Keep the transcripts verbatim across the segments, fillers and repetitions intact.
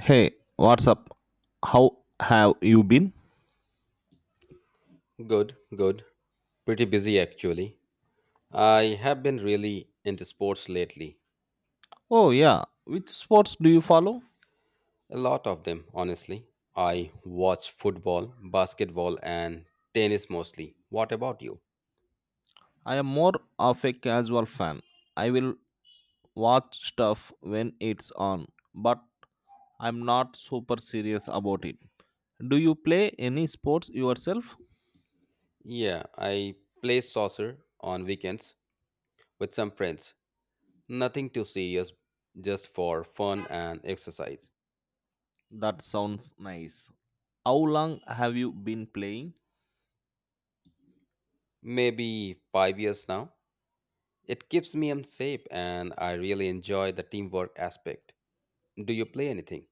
Hey, what's up? How have you been? Good, good. Pretty busy actually. I have been really into sports lately. Oh, yeah. Which sports do you follow? A lot of them, honestly. I watch football, basketball, and tennis mostly. What about you? I am more of a casual fan. I will watch stuff when it's on, but I'm not super serious about it. Do you play any sports yourself? Yeah, I play soccer on weekends with some friends. Nothing too serious, just for fun and exercise. That sounds nice. How long have you been playing? Maybe five years now. It keeps me in shape and I really enjoy the teamwork aspect. Do you play anything?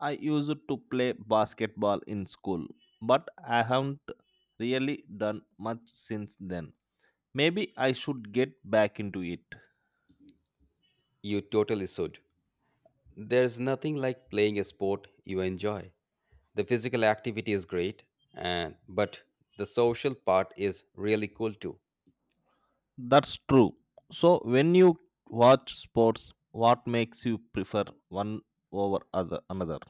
I used to play basketball in school, but I haven't really done much since then. Maybe I should get back into it. You totally should. There's nothing like playing a sport you enjoy. The physical activity is great, and but the social part is really cool too. That's true. So, when you watch sports, what makes you prefer one over other another?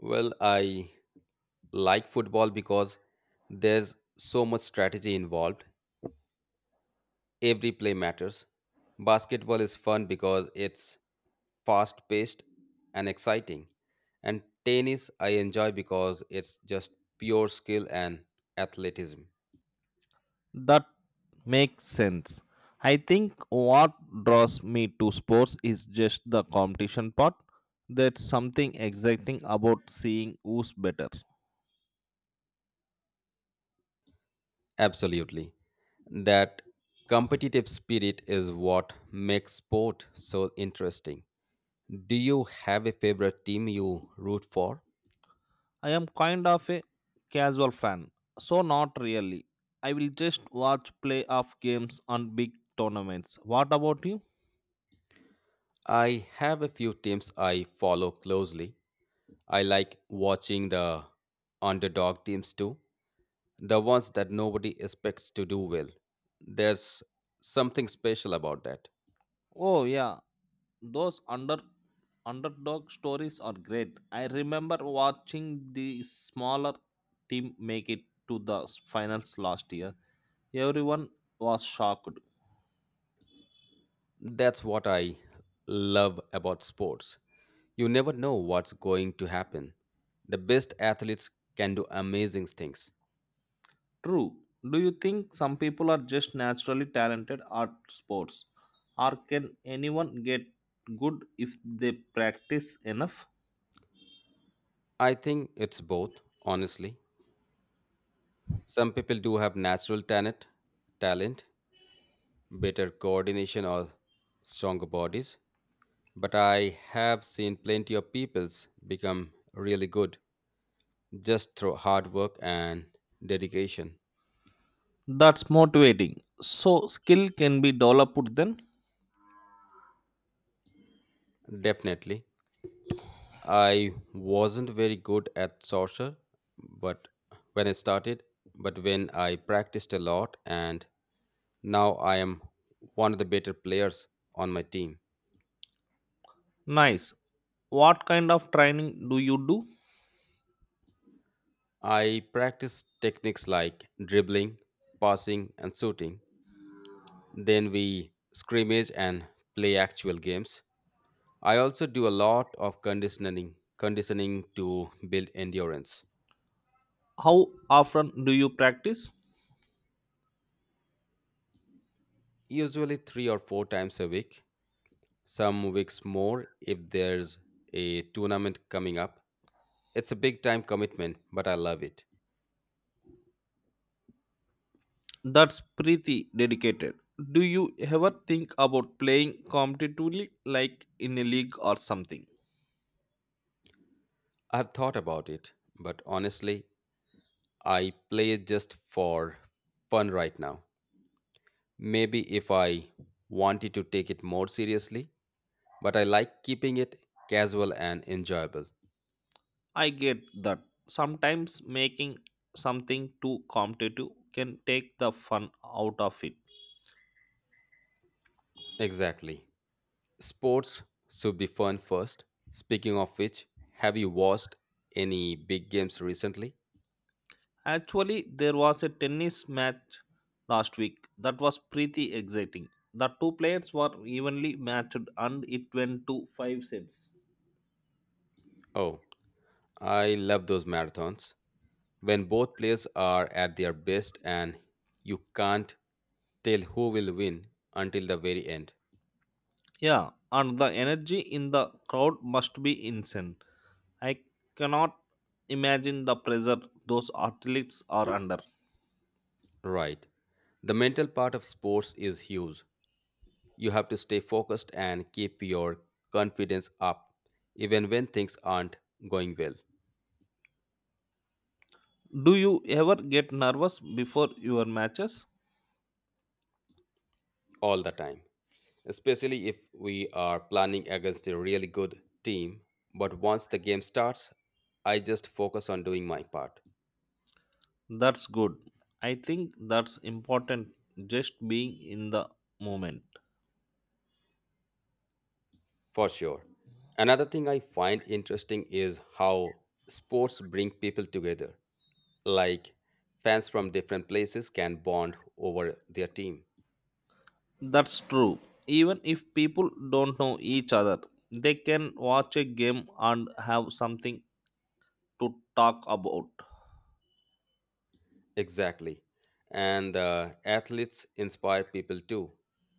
Well, I like football because there's so much strategy involved. Every play matters. Basketball is fun because it's fast paced and exciting. And tennis I enjoy because it's just pure skill and athleticism. That makes sense. I think what draws me to sports is just the competition part. There's something exciting about seeing who's better. Absolutely. That competitive spirit is what makes sport so interesting. Do you have a favorite team you root for? I am kind of a casual fan, so not really. I will just watch playoff games on big tournaments. What about you? I have a few teams I follow closely. I like watching the underdog teams too, the ones that nobody expects to do well. There's something special about that. Oh yeah, those under underdog stories are great. I remember watching the smaller team make it to the finals last year. Everyone was shocked. That's what I love about sports. You never know what's going to happen. The best athletes can do amazing things. True. Do you think some people are just naturally talented at sports? Or can anyone get good if they practice enough? I think it's both, honestly. Some people do have natural talent, talent, better coordination or stronger bodies, but I have seen plenty of peoples become really good just through hard work and dedication. That's motivating. So, skill can be developed then? Definitely. I wasn't very good at sorcerer, but when I started, but when I practiced a lot and now I am one of the better players on my team. Nice. What kind of training do you do? I practice techniques like dribbling, passing, and shooting. Then we scrimmage and play actual games. I also do a lot of conditioning, conditioning to build endurance, How often do you practice? usually three or four times a week, some weeks more if there's a tournament coming up. It's a big time commitment, but I love it. That's pretty dedicated. Do you ever think about playing competitively, like in a league or something? I've thought about it, but honestly, I play just for fun right now. Maybe if I wanted to take it more seriously, but I like keeping it casual and enjoyable. I get that. Sometimes making something too competitive can take the fun out of it. Exactly. Sports should be fun first. Speaking of which, have you watched any big games recently? Actually, there was a tennis match last week that was pretty exciting. The two players were evenly matched and it went to five sets. Oh, I love those marathons. When both players are at their best and you can't tell who will win until the very end. Yeah, and the energy in the crowd must be insane. I cannot imagine the pressure those athletes are under. Right. The mental part of sports is huge. You have to stay focused and keep your confidence up, even when things aren't going well Do you ever get nervous before your matches? all the time. Especially if we are planning against a really good team. But once the game starts, I just focus on doing my part, That's good. I think that's important just being in the moment. for sure. Another thing I find interesting is how sports bring people together. Like fans from different places can bond over their team. That's true. Even if people don't know each other, they can watch a game and have something to talk about. Exactly. And uh, athletes inspire people too.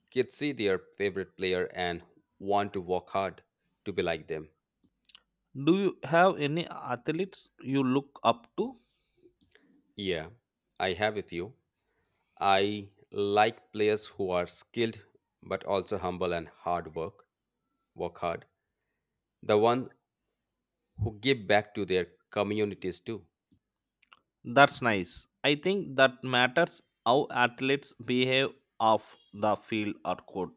Kids see their favorite player and want to work hard to be like them. Do you have any athletes you look up to? Yeah, I have a few. I like players who are skilled but also humble and hard work, work hard. The one who give back to their communities too. That's nice. I think that matters how athletes behave off the field or court.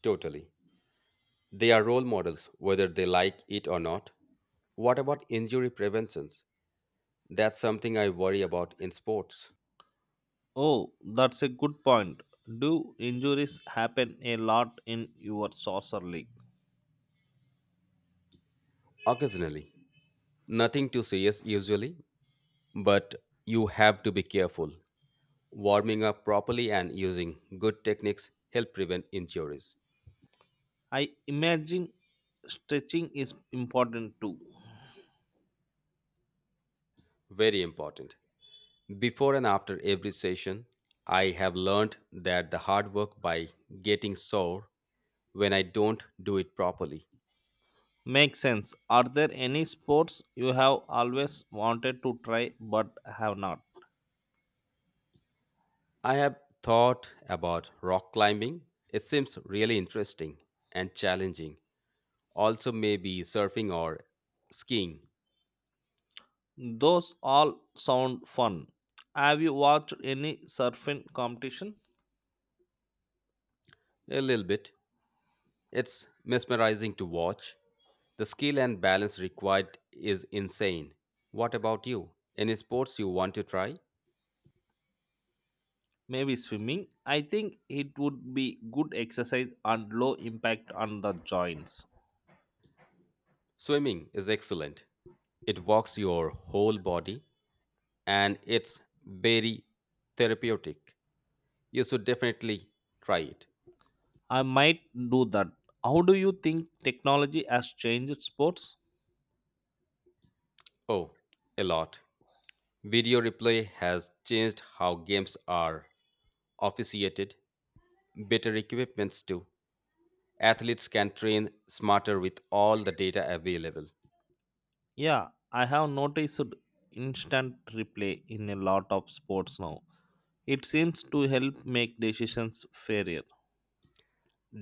Totally. They are role models whether they like it or not. What about injury preventions? That's something I worry about in sports. Oh, that's a good point. Do injuries happen a lot in your soccer league? Occasionally, nothing too serious usually, but you have to be careful. Warming up properly and using good techniques help prevent injuries. I imagine stretching is important too. Very important. Before and after every session, I have learned that the hard work by getting sore when I don't do it properly. Makes sense. Are there any sports you have always wanted to try but have not? I have thought about rock climbing. It seems really interesting and challenging. Also, maybe surfing or skiing Those all sound fun. Have you watched any surfing competition? a little bit. It's mesmerizing to watch. The skill and balance required is insane. What about you? Any sports you want to try? Maybe swimming. I think it would be good exercise and low impact on the joints. Swimming is excellent. It walks your whole body and it's very therapeutic. You should definitely try it. I might do that. How do you think technology has changed sports? Oh, a lot. Video replay has changed how games are officiated, better equipments too. Athletes can train smarter with all the data available. Yeah, I have noticed instant replay in a lot of sports now. It seems to help make decisions fairer.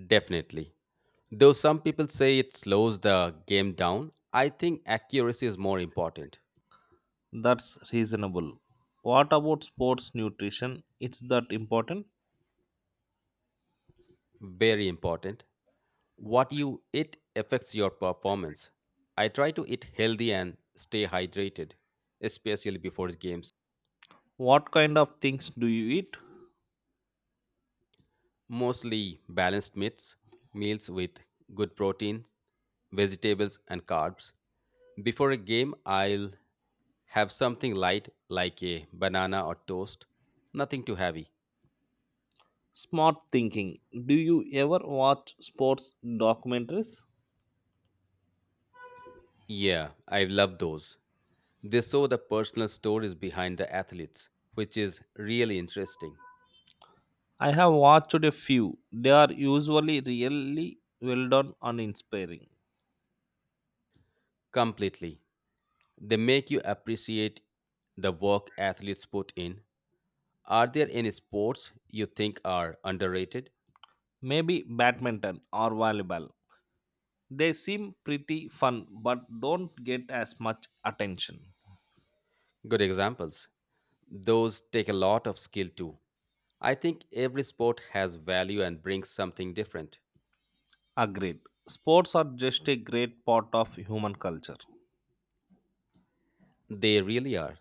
Definitely. Though some people say it slows the game down, I think accuracy is more important. That's reasonable. What about sports nutrition? It's that important? Very important. What you eat affects your performance. I try to eat healthy and stay hydrated, especially before games. What kind of things do you eat? Mostly balanced meats, meals with good protein, vegetables, and carbs. Before a game, I'll have something light like a banana or toast, nothing too heavy. Smart thinking. Do you ever watch sports documentaries? Yeah, I love those. They saw the personal stories behind the athletes, which is really interesting. I have watched a few. They are usually really well done and inspiring. Completely. They make you appreciate the work athletes put in. Are there any sports you think are underrated? Maybe badminton or volleyball. They seem pretty fun but don't get as much attention. Good examples. Those take a lot of skill too. I think every sport has value and brings something different. Agreed. Sports are just a great part of human culture. They really are.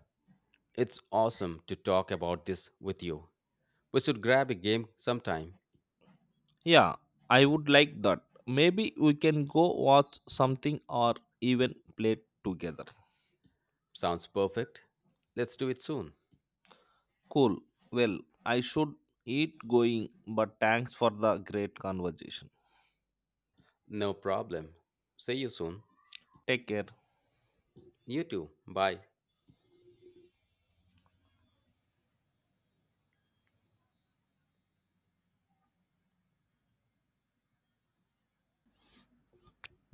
It's awesome to talk about this with you. We should grab a game sometime. Yeah, I would like that. Maybe we can go watch something or even play together. Sounds perfect. Let's do it soon. Cool. Well, I should eat going, but thanks for the great conversation. No problem. See you soon. Take care. You too. Bye.